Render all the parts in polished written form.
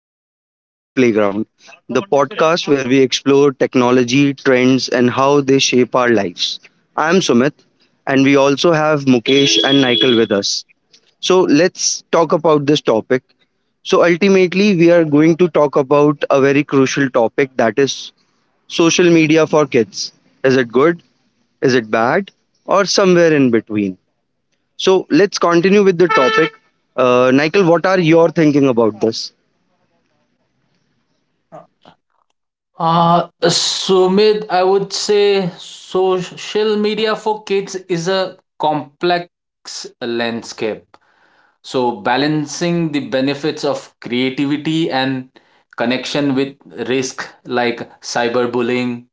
to the Digital Playground, the podcast where we explore technology, trends, and how they shape our lives. I'm Sumit, and we also have Mukesh and Nikhil with us. So let's talk about this topic. So ultimately, we are going to talk about a very crucial topic, that is social media for kids. Is it good? Is it bad? Or somewhere in between? So let's continue with the topic. Nikhil, what are your thinking about this? Sumit, I would say social media for kids is a complex landscape. So, balancing the benefits of creativity and connection with risk like cyberbullying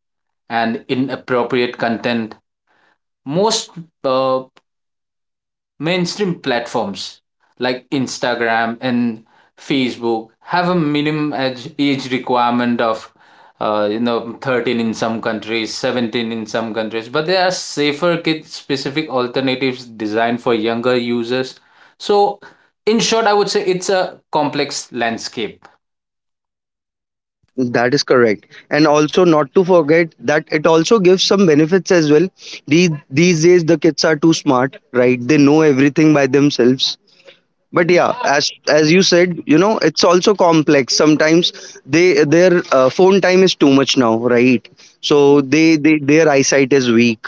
and inappropriate content. Most uh, mainstream platforms like Instagram and Facebook have a minimum age requirement of you know 13 in some countries, 17 in some countries, but there are safer kid specific alternatives designed for younger users. So in short, I would say it's a complex landscape. That is correct. And also not to forget that it also gives some benefits as well. These days the kids are too smart, right? They know everything by themselves, but yeah, as you said, you know, it's also complex sometimes. They their phone time is too much now, right? So they their eyesight is weak,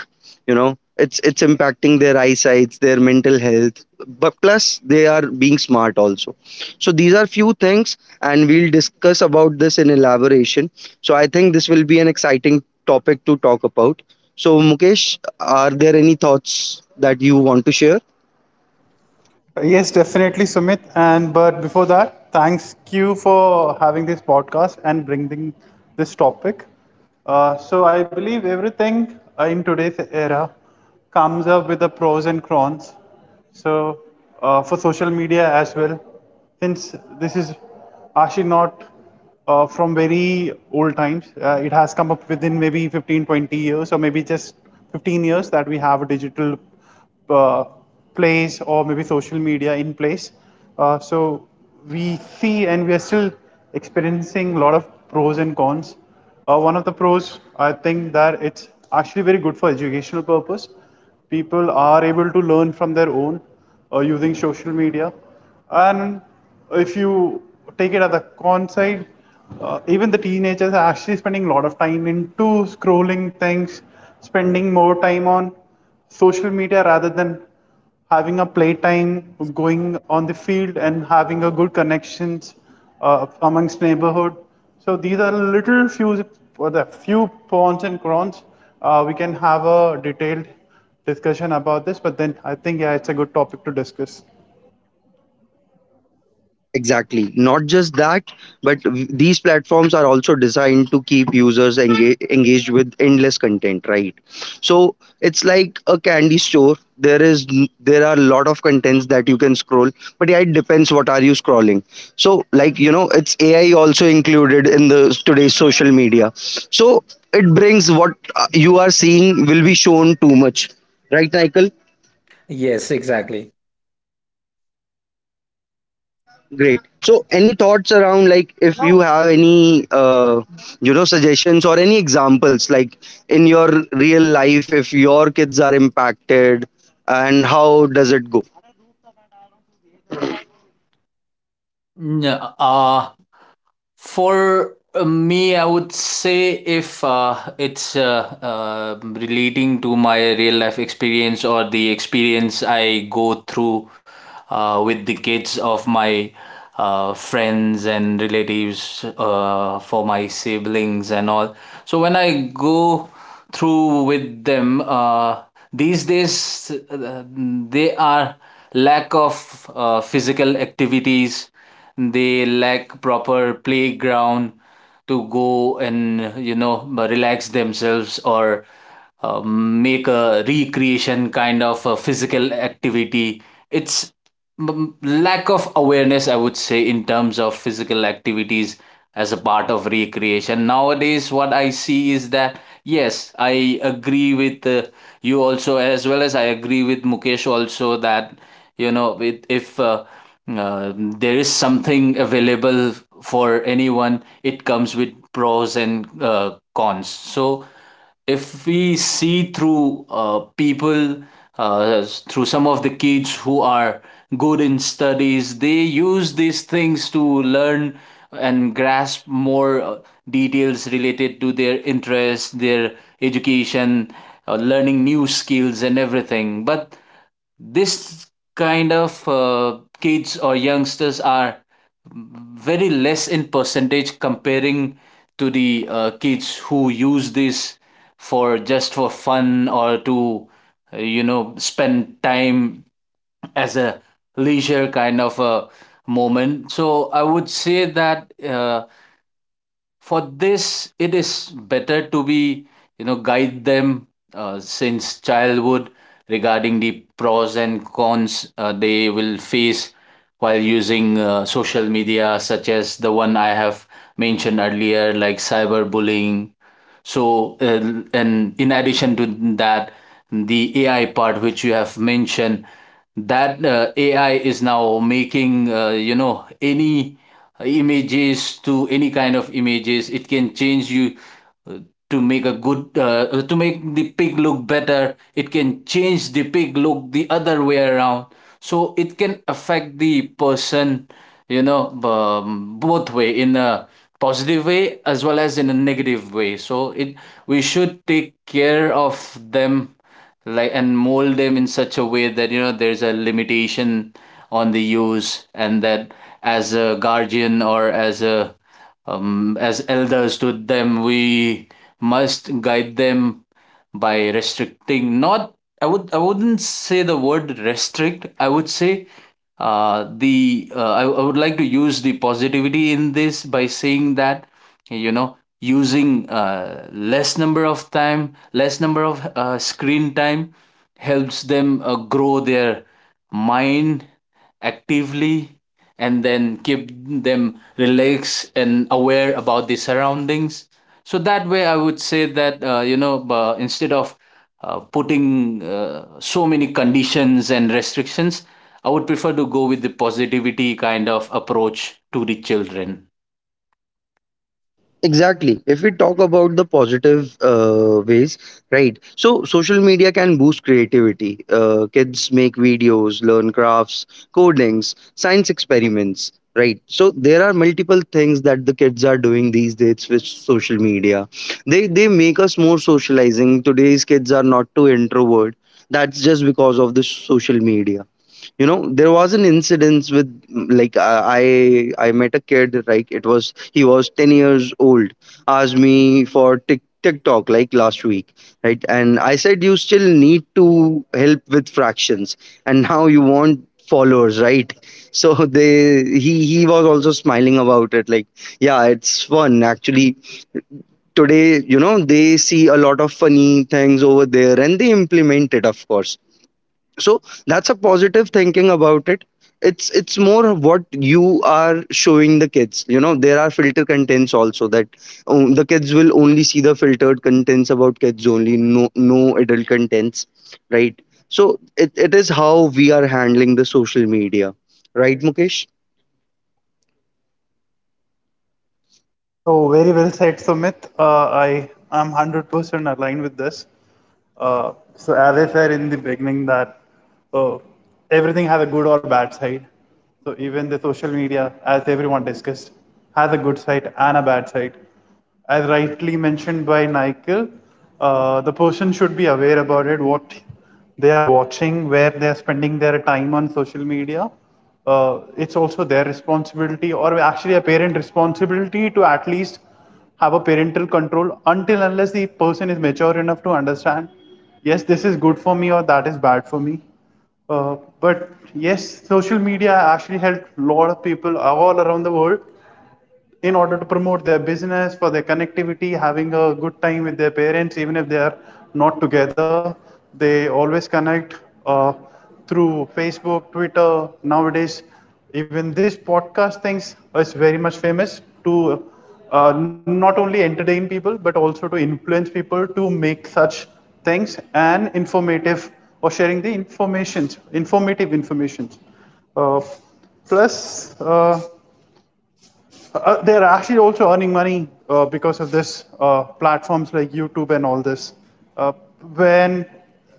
you know, it's impacting their eyesight, their mental health, but plus they are being smart also. So these are few things, and we'll discuss about this in elaboration. So I think this will be an exciting topic to talk about. So Mukesh, are there any thoughts that you want to share? Yes, definitely, Sumit. And but before that, thanks you for having this podcast and bringing this topic. So I believe everything in today's era comes up with the pros and cons. So for social media as well, since this is actually not from very old times, it has come up within maybe 15, 20 years, or maybe just 15 years that we have a digital uh, place or maybe social media in place. So we see and we are still experiencing a lot of pros and cons. One of the pros, I think that it's actually very good for educational purpose. People are able to learn from their own using social media. And if you take it at the con side, even the teenagers are actually spending a lot of time into scrolling things, spending more time on social media rather than having a playtime, going on the field, and having a good connections amongst neighborhood. So these are little few for the few pros and cons. We can have a detailed discussion about this, but then I think yeah, it's a good topic to discuss. Exactly. Not just that, but these platforms are also designed to keep users engaged with endless content, right? So it's like a candy store. There is there are a lot of contents that you can scroll, but yeah, it depends what are you scrolling. So like you know, it's AI also included in the today's social media. So it brings what you are seeing will be shown too much, right, Michael? Yes, exactly. Great. So, any thoughts around, like if you have any suggestions or any examples, like in your real life, if your kids are impacted and how does it go? Yeah, for me, I would say if it's relating to my real life experience or the experience I go through with the kids of my friends and relatives, for my siblings and all. So when I go through with them, these days they are lack of physical activities, they lack proper playground to go and you know relax themselves or make a recreation kind of a physical activity. It's lack of awareness, I would say, in terms of physical activities as a part of recreation. Nowadays, what I see is that yes, I agree with you also, as well as I agree with Mukesh also that you know, if there is something available for anyone. It comes with pros and cons. So if we see through people, through some of the kids who are good in studies, they use these things to learn and grasp more details related to their interests, their education, learning new skills, and everything. But this kind of kids or youngsters are very less in percentage comparing to the kids who use this for just for fun or to you know spend time as a leisure kind of a moment. So I would say that for this it is better to be you know guide them since childhood regarding the pros and cons they will face while using social media such as the one I have mentioned earlier like cyberbullying. So, and in addition to that, the AI part which you have mentioned, that AI is now making, you know, any images to any kind of images. It can change you uh, to make the pig look better, it can change the pig look the other way around. So it can affect the person, you know, both way, in a positive way as well as in a negative way. So it, we should take care of them like and mold them in such a way that you know there's a limitation on the use. And that as a guardian or as a as elders to them, we must guide them by restricting not. I wouldn't say the word restrict, I would say I would like to use the positivity in this by saying that you know using less number of time, less number of screen time helps them grow their mind actively and then keep them relaxed and aware about the surroundings. So that way I would say that you know instead of putting so many conditions and restrictions, I would prefer to go with the positivity kind of approach to the children. Exactly. If we talk about the positive ways, right? So, social media can boost creativity. Kids make videos, learn crafts, codings, science experiments, right? So, there are multiple things that the kids are doing these days with social media. They make us more socializing. Today's kids are not too introvert. That's just because of the social media. You know, there was an incident with like I met a kid, like it was, he was 10 years old, asked me for Tik TikTok like last week, right, and I said, you still need to help with fractions and now you want followers, right? So they he was also smiling about it, like yeah, it's fun. Actually today, you know, they see a lot of funny things over there, and they implement it, of course. So that's a positive thinking about it. It's more what you are showing the kids. You know, there are filter contents also, that the kids will only see the filtered contents about kids only, no no adult contents, right? So it is how we are handling the social media, right Mukesh? Oh, very well said, Sumit. I am 100% aligned with this. As I said in the beginning, that uh, everything has a good or bad side. So, even the social media, as everyone discussed, has a good side and a bad side as rightly mentioned by Nikhil, the person should be aware about it, what they are watching, where they are spending their time on social media. It's also their responsibility, or actually a parent responsibility, to at least have a parental control until unless the person is mature enough to understand, yes, this is good for me or that is bad for me. But yes, social media actually helped a lot of people all around the world in order to promote their business, for their connectivity, having a good time with their parents, even if they are not together. They always connect uh, through Facebook, Twitter. Nowadays, even this podcast things is very much famous to not only entertain people but also to influence people to make such things and informative or sharing the informations, informative informations. Uh, plus. They're actually also earning money because of this platforms like YouTube and all this. Uh, when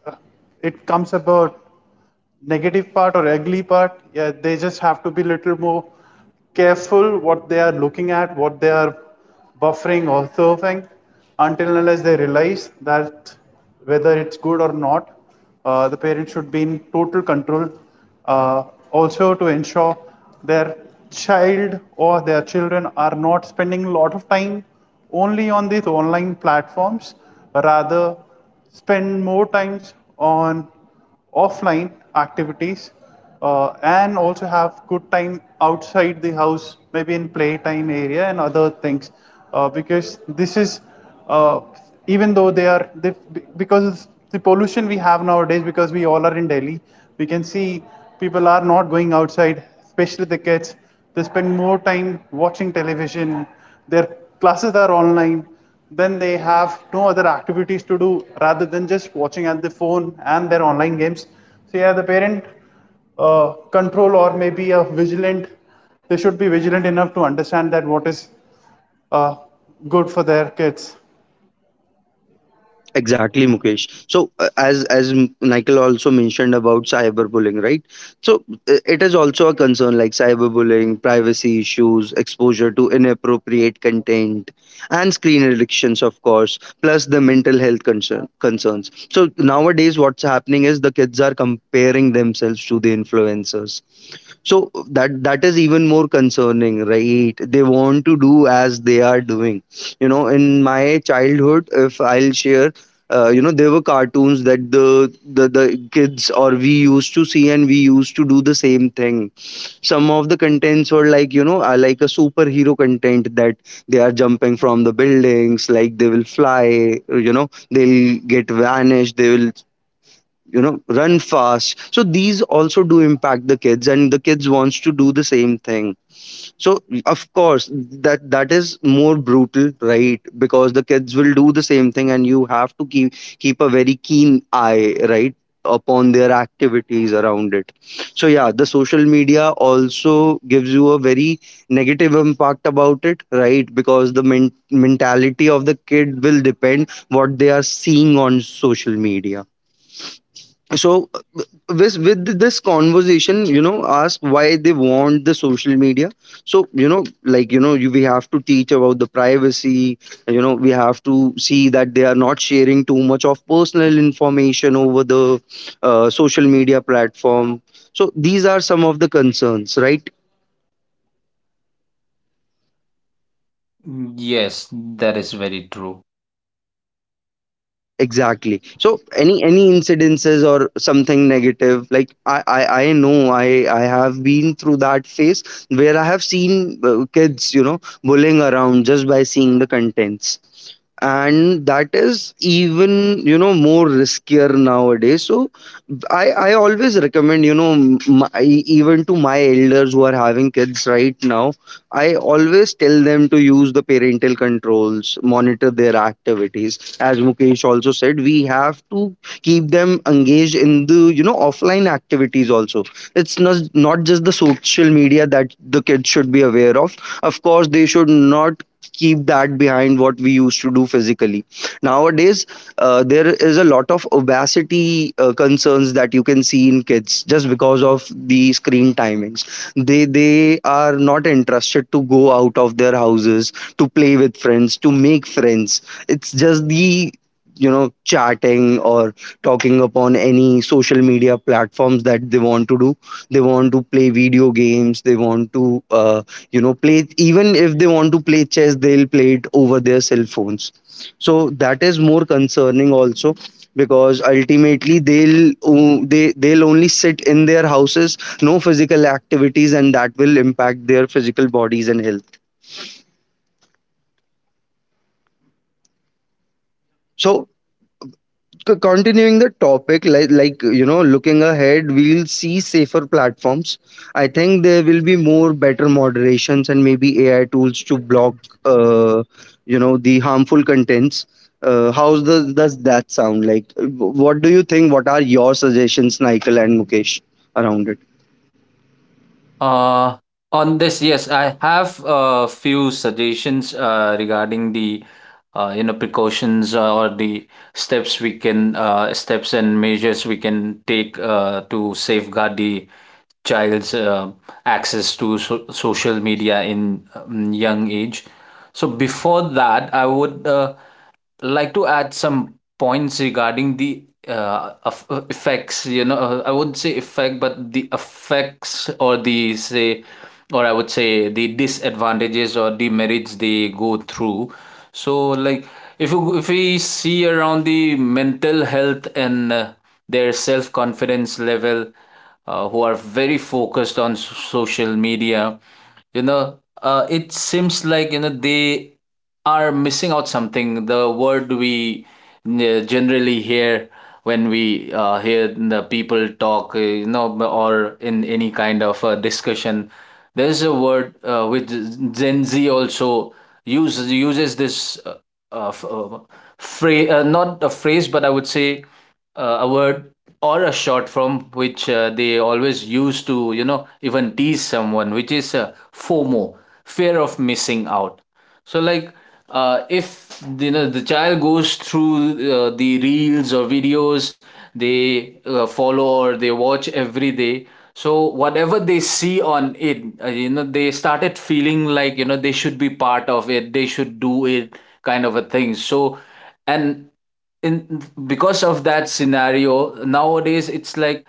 uh, it comes about negative part or ugly part, yeah, they just have to be a little more careful what they are looking at, what they are buffering or surfing, until and unless they realize that whether it's good or not, the parents should be in total control. Uh, also, to ensure their child or their children are not spending a lot of time only on these online platforms, rather spend more times on offline activities and also have good time outside the house maybe in playtime area and other things because this is uh, even though they are they, because the pollution we have nowadays because we all are in Delhi we can see people are not going outside, especially the kids. They spend more time watching television. Their classes are online. Then they have no other activities to do rather than just watching at the phone and their online games. So yeah, the parent control or maybe a vigilant. They should be vigilant enough to understand that what is uh, good for their kids. Exactly, Mukesh. So, as Michael also mentioned about cyberbullying, right? So, it is also a concern, like cyberbullying, privacy issues, exposure to inappropriate content, and screen addictions, of course. Plus the mental health concerns. So nowadays, what's happening is the kids are comparing themselves to the influencers. So that is even more concerning, right? They want to do as they are doing. You know, in my childhood, if I'll share, there were cartoons that the kids or we used to see, and we used to do the same thing. Some of the contents were like, you know, like a superhero content that they are jumping from the buildings, like they will fly. You know, they'll get vanished. They will, you know, run fast. So these also do impact the kids, and the kids wants to do the same thing. So of course that is more brutal, right, because the kids will do the same thing, and you have to keep a very keen eye, right, upon their activities around it. So yeah, the social media also gives you a very negative impact about it, right, because the mentality of the kid will depend what they are seeing on social media. So with this conversation, you know, ask why they want the social media. So you know, we have to teach about the privacy. You know, we have to see that they are not sharing too much of personal information over the social media platform. So these are some of the concerns, right? Yes, that is very true. Exactly, so any incidences or something negative, like I know I have been through that phase where I have seen kids, you know, bullying around just by seeing the contents, and that is even, you know, more riskier nowadays. So I always recommend, you know, even to my elders who are having kids right now, I always tell them to use the parental controls, monitor their activities. As Mukesh also said, we have to keep them engaged in the, you know, offline activities also. It's not just the social media that the kids should be aware of. Of course they should not keep that behind what we used to do physically. Nowadays, there is a lot of obesity concerns that you can see in kids just because of the screen timings. They are not interested to go out of their houses to play with friends, to make friends. It's just the, you know, chatting or talking upon any social media platforms that they want to do. They want to play video games, they want to play. Even if they want to play chess, they'll play it over their cell phones. So that is more concerning also, because ultimately they'll they'll only sit in their houses, no physical activities, and that will impact their physical bodies and health. So to continuing the topic, you know, looking ahead, we'll see safer platforms. I think there will be more better moderations, and maybe AI tools to block uh, you know, the harmful contents. How does that sound like? What do you think, what are your suggestions, Nikhil and Mukesh, around it? Uh, on this, yes, I have a few suggestions regarding the you know precautions or the steps we can steps and measures we can take to safeguard the child's access to social media in young age. So before that, I would like to add some points regarding the effects, you know. I wouldn't say effect, but the effects or the say, or I would say the disadvantages or demerits they go through. So like if you if we see around the mental health and their self confidence level, who are very focused on social media, you know it seems like you know they are missing out something. The word we generally hear when we hear the people talk, you know, or in any kind of discussion, there's a word which Gen Z also uses this uh, f- uh, phrase, not a phrase, but I would say a word or a short form which they always use to you know even tease someone, which is FOMO, fear of missing out. So like if you know the child goes through the reels or videos they follow or they watch every day, so whatever they see on it, you know they started feeling like you know they should be part of it, they should do it kind of a thing. So and in because of that scenario nowadays it's like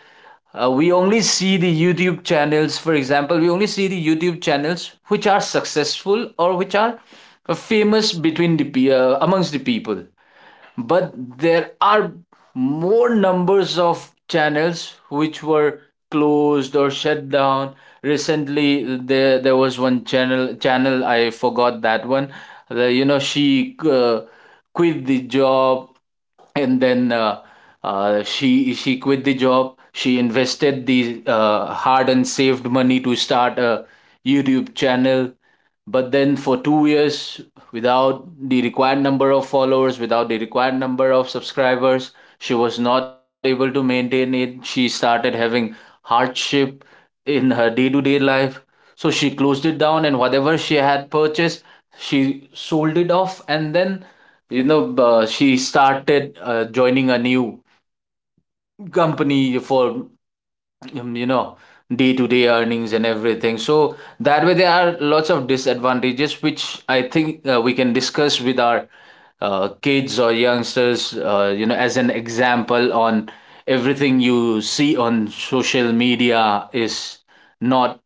we only see the youtube channels for example we only see the YouTube channels which are successful or which are famous between the amongst the people. But there are more numbers of channels which were closed or shut down recently. There was one channel. I forgot that one. You know, she quit the job, and then she quit the job. She invested the hard and saved money to start a YouTube channel, but then for 2 years, without the required number of followers, without the required number of subscribers, she was not able to maintain it. She started having hardship in her day to day life. So she closed it down and whatever she had purchased, she sold it off. And then, you know, she started joining a new company for, you know, day to day earnings and everything. So that way, there are lots of disadvantages, which I think we can discuss with our kids or youngsters, you know, as an example on everything you see on social media is not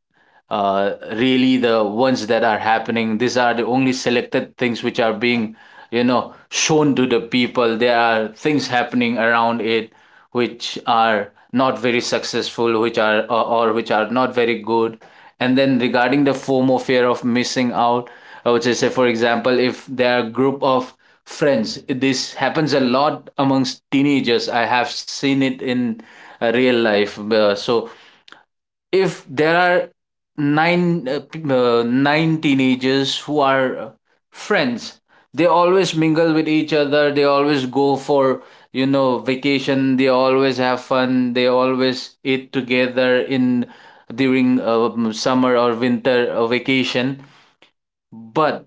really the ones that are happening. These are the only selected things which are being, you know, shown to the people. There are things happening around it which are not very successful, which are or which are not very good. And then regarding the FOMO, fear of missing out, I would just say, for example, if there are a group of friends, this happens a lot amongst teenagers. I have seen it in real life. So if there are nine teenagers who are friends, they always mingle with each other, they always go for you know vacation, they always have fun, they always eat together in during summer or winter vacation. But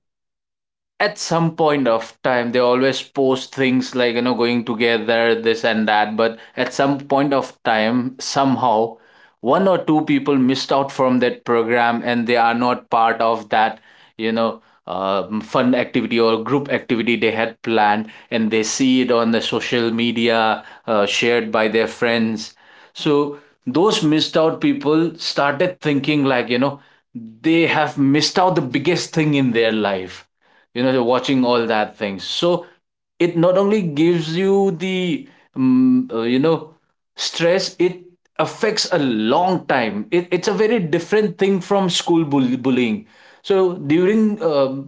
at some point of time they always post things like you know going together this and that, but at some point of time somehow one or two people missed out from that program and they are not part of that, you know, um, fun activity or group activity they had planned, and they see it on the social media shared by their friends. So those missed out people started thinking like you know they have missed out the biggest thing in their life, you know watching all that things. So it not only gives you the you know stress, it affects a long time. It's a very different thing from school bullying. So during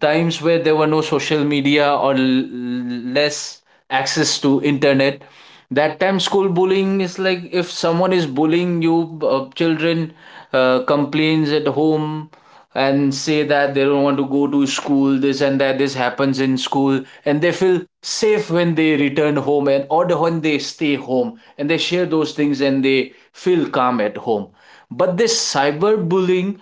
times where there were no social media or less access to internet, that time school bullying is like if someone is bullying you children complains at home and say that they don't want to go to school, this and that, this happens in school, and they feel safe when they return home, and or when they stay home and they share those things and they feel calm at home. But this cyberbullying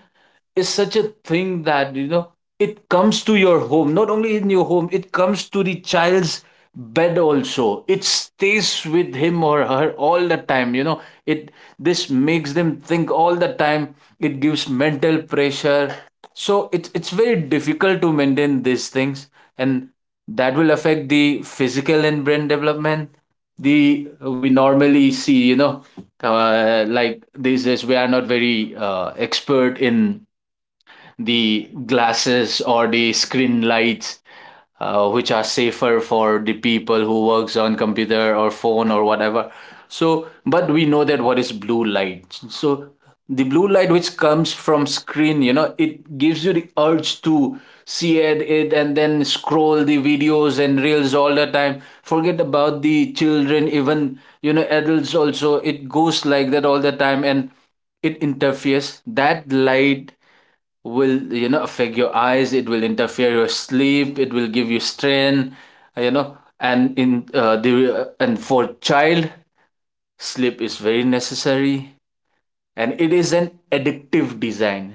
is such a thing that you know it comes to your home, not only in your home, it comes to the child's bed also, it stays with him or her all the time, you know. It, this makes them think all the time, it gives mental pressure. So it's very difficult to maintain these things, and that will affect the physical and brain development. The we normally see you know like these days we are not very expert in the glasses or the screen lights which are safer for the people who works on computer or phone or whatever. So but we know that what is blue light. So the blue light which comes from screen, you know, it gives you the urge to see it and then scroll the videos and reels all the time, forget about the children, even you know adults also, it goes like that all the time. And it interferes, that light will you know affect your eyes, it will interfere your sleep, it will give you strain, you know. And in the and for child, sleep is very necessary. And it is an addictive design.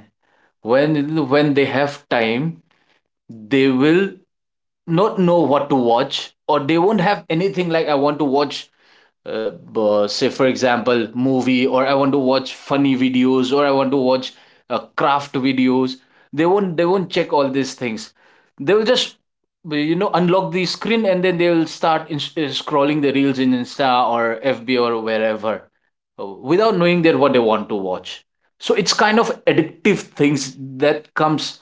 When they have time, they will not know what to watch, or they won't have anything like I want to watch say for example movie, or I want to watch funny videos, or I want to watch craft videos. They won't check all these things, they will just you know unlock the screen and then they will start scrolling the reels in insta or fb or wherever, without knowing that what they want to watch. So it's kind of addictive things that comes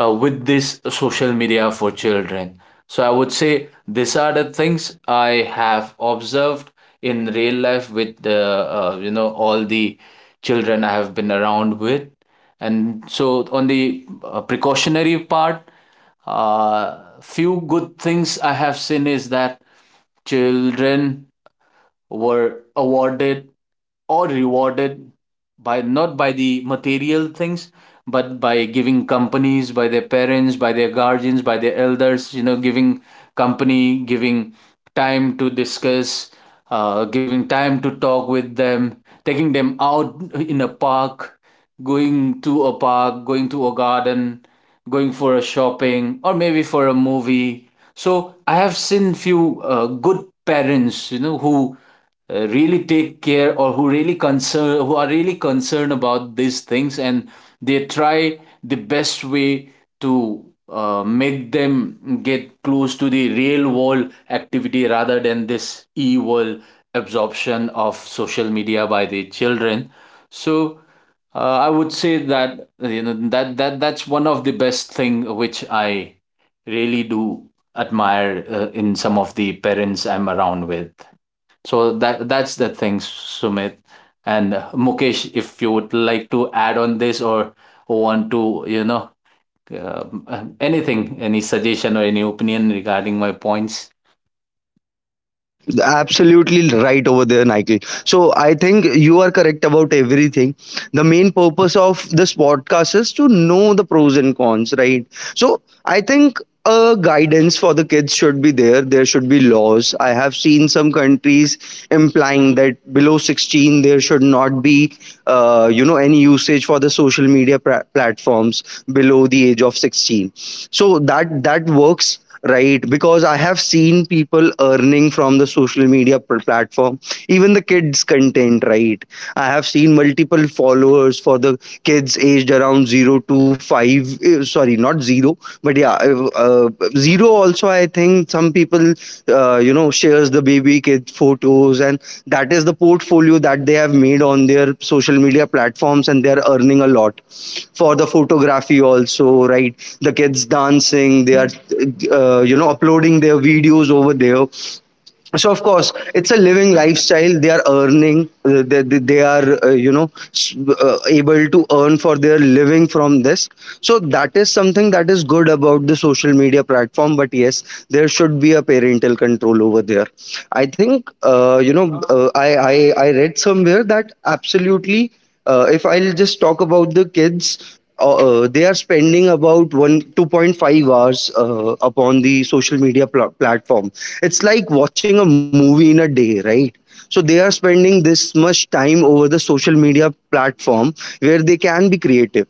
with this social media for children. So I would say these are the things I have observed in real life with the you know all the children I have been around with. And so on the precautionary part, few good things I have seen is that children were awarded or rewarded by not by the material things, but by giving companies by their parents, by their guardians, by their elders, you know, giving company, giving time to discuss, giving time to talk with them, taking them out in a park, going to a park, going to a garden, going for a shopping, or maybe for a movie. So I have seen few good parents, you know, who really take care, or who really concern, who are really concerned about these things, and they try the best way to make them get close to the real world activity rather than this evil absorption of social media by the children. So I would say that you know that that's one of the best thing which I really do admire in some of the parents I'm around with. So that that's the thing, Sumit. And Mukesh, if you would like to add on this or want to, you know, uh, anything, any suggestion or any opinion regarding my points. Absolutely right over there, Nikhil. So I think you are correct about everything. The main purpose of this podcast is to know the pros and cons, right? So I think a guidance for the kids should be there. There should be laws. I have seen some countries implying that below 16 there should not be, any usage for the social media platforms below the age of 16. So that works, right, because I have seen people earning from the social media platform, even the kids content, right? I have seen multiple followers for the kids aged around 0 to 5, eh, sorry, not 0, but yeah, zero also, I think. Some people you know, shares the baby kid photos, and that is the portfolio that they have made on their social media platforms, and they are earning a lot for the photography also, right? The kids dancing, they are you know, uploading their videos over there. So of course it's a living lifestyle. They are earning, they are able to earn for their living from this. So that is something that is good about the social media platform, but yes, there should be a parental control over there. I think I read somewhere that absolutely, if I'll just talk about the kids, they are spending about one 2.5 hours upon the social media platform. It's like watching a movie in a day, right? So they are spending this much time over the social media platform, where they can be creative.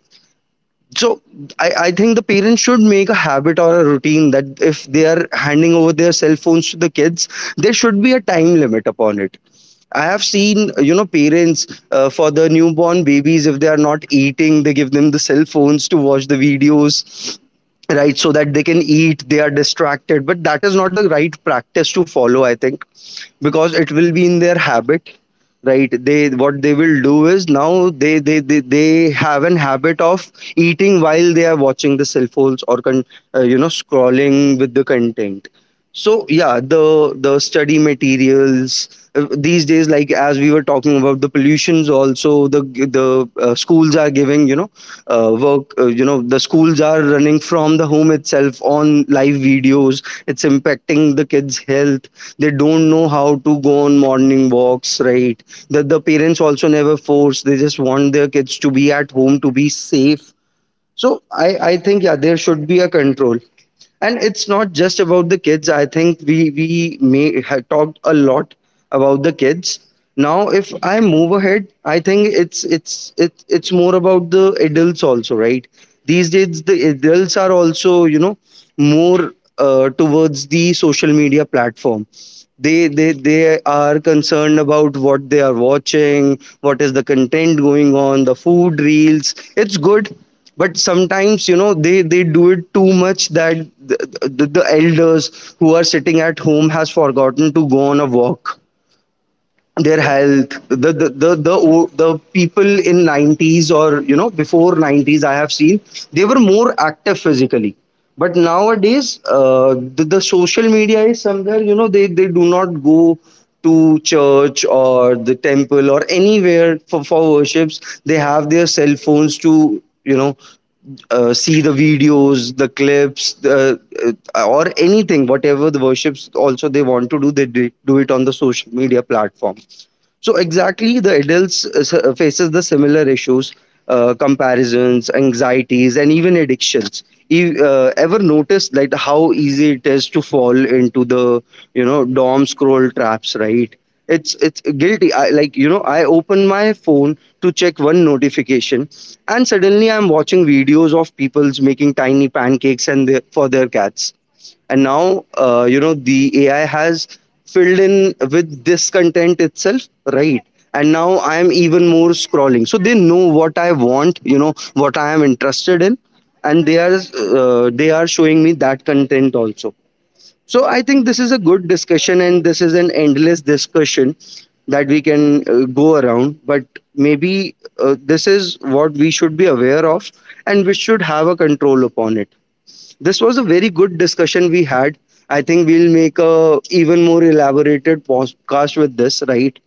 So I think the parents should make a habit or a routine that if they are handing over their cell phones to the kids, there should be a time limit upon it. I have seen, you know, parents, for the newborn babies, if they are not eating, they give them the cell phones to watch the videos, right? So that they can eat, they are distracted. But that is not the right practice to follow, I think, because it will be in their habit, right? they what they will do is now they have an habit of eating while they are watching the cell phones or scrolling with the content. So yeah, the study materials, these days, like as we were talking about the pollutions also, the schools are giving, work, you know, the schools are running from the home itself on live videos. It's impacting the kids health. They don't know how to go on morning walks, right? The parents also never force, they just want their kids to be at home, to be safe. So I think, yeah, there should be a control. And it's not just about the kids. I think we may have talked a lot about the kids. Now if I move ahead, I think it's more about the adults also, right? These days the adults are also, you know, more towards the social media platform. They are concerned about what they are watching, what is the content going on. The food reels, it's good, but sometimes, you know, they do it too much that the, the elders who are sitting at home has forgotten to go on a walk. Their health, the the people in 90's, or you know, before 90's I have seen, they were more active physically. But nowadays, the social media is somewhere, you know, they do not go to church or the temple or anywhere for worships. They have their cell phones to, see the videos, the clips, or anything. Whatever the worships also they want to do, they do do it on the social media platform. So exactly, the adults faces the similar issues, comparisons, anxieties, and even addictions. You ever noticed like how easy it is to fall into the, you know, dom scroll traps, right? It's guilty. I, like you know, I open my phone to check one notification, and suddenly I'm watching videos of people's making tiny pancakes and their, for their cats. And now, you know, the AI has filled in with this content itself, right? And now I am even more scrolling, so they know what I want, you know, what I am interested in. And they are, they are showing me that content also. So I think this is a good discussion, and this is an endless discussion that we can, go around. But maybe this is what we should be aware of, and we should have a control upon it. This was a very good discussion we had. I think we'll make a even more elaborated podcast with this, right?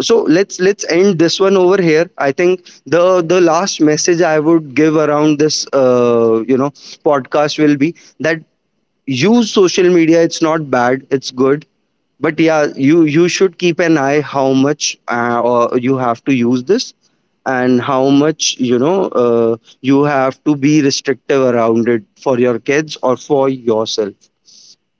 So let's end this one over here. I think the last message I would give around this, podcast will be that use social media. It's not bad, it's good. But yeah, you should keep an eye how much, or you have to use this, and how much, you know, uh, you have to be restrictive around it, for your kids or for yourself.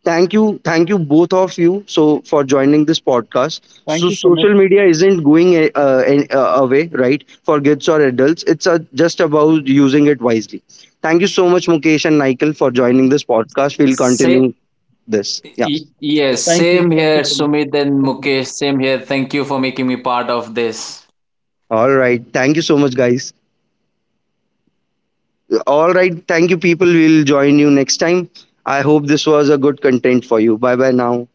Thank you, thank you both of you, so for joining this podcast. Thank you, So Sumit. social media isn't going away, right? For kids or adults, it's uh, just about using it wisely. Thank you so much, Mukesh and Nikhil, for joining this podcast. We'll Say, continue this. Yes, Thank you. same Thank you, here, Sumit and Sumit. Mukesh, same here. Thank you for making me part of this. Yeah, all right, thank you so much guys. All right. Thank you, people. We'll join you next time. I hope this was a good content for you. Bye bye now.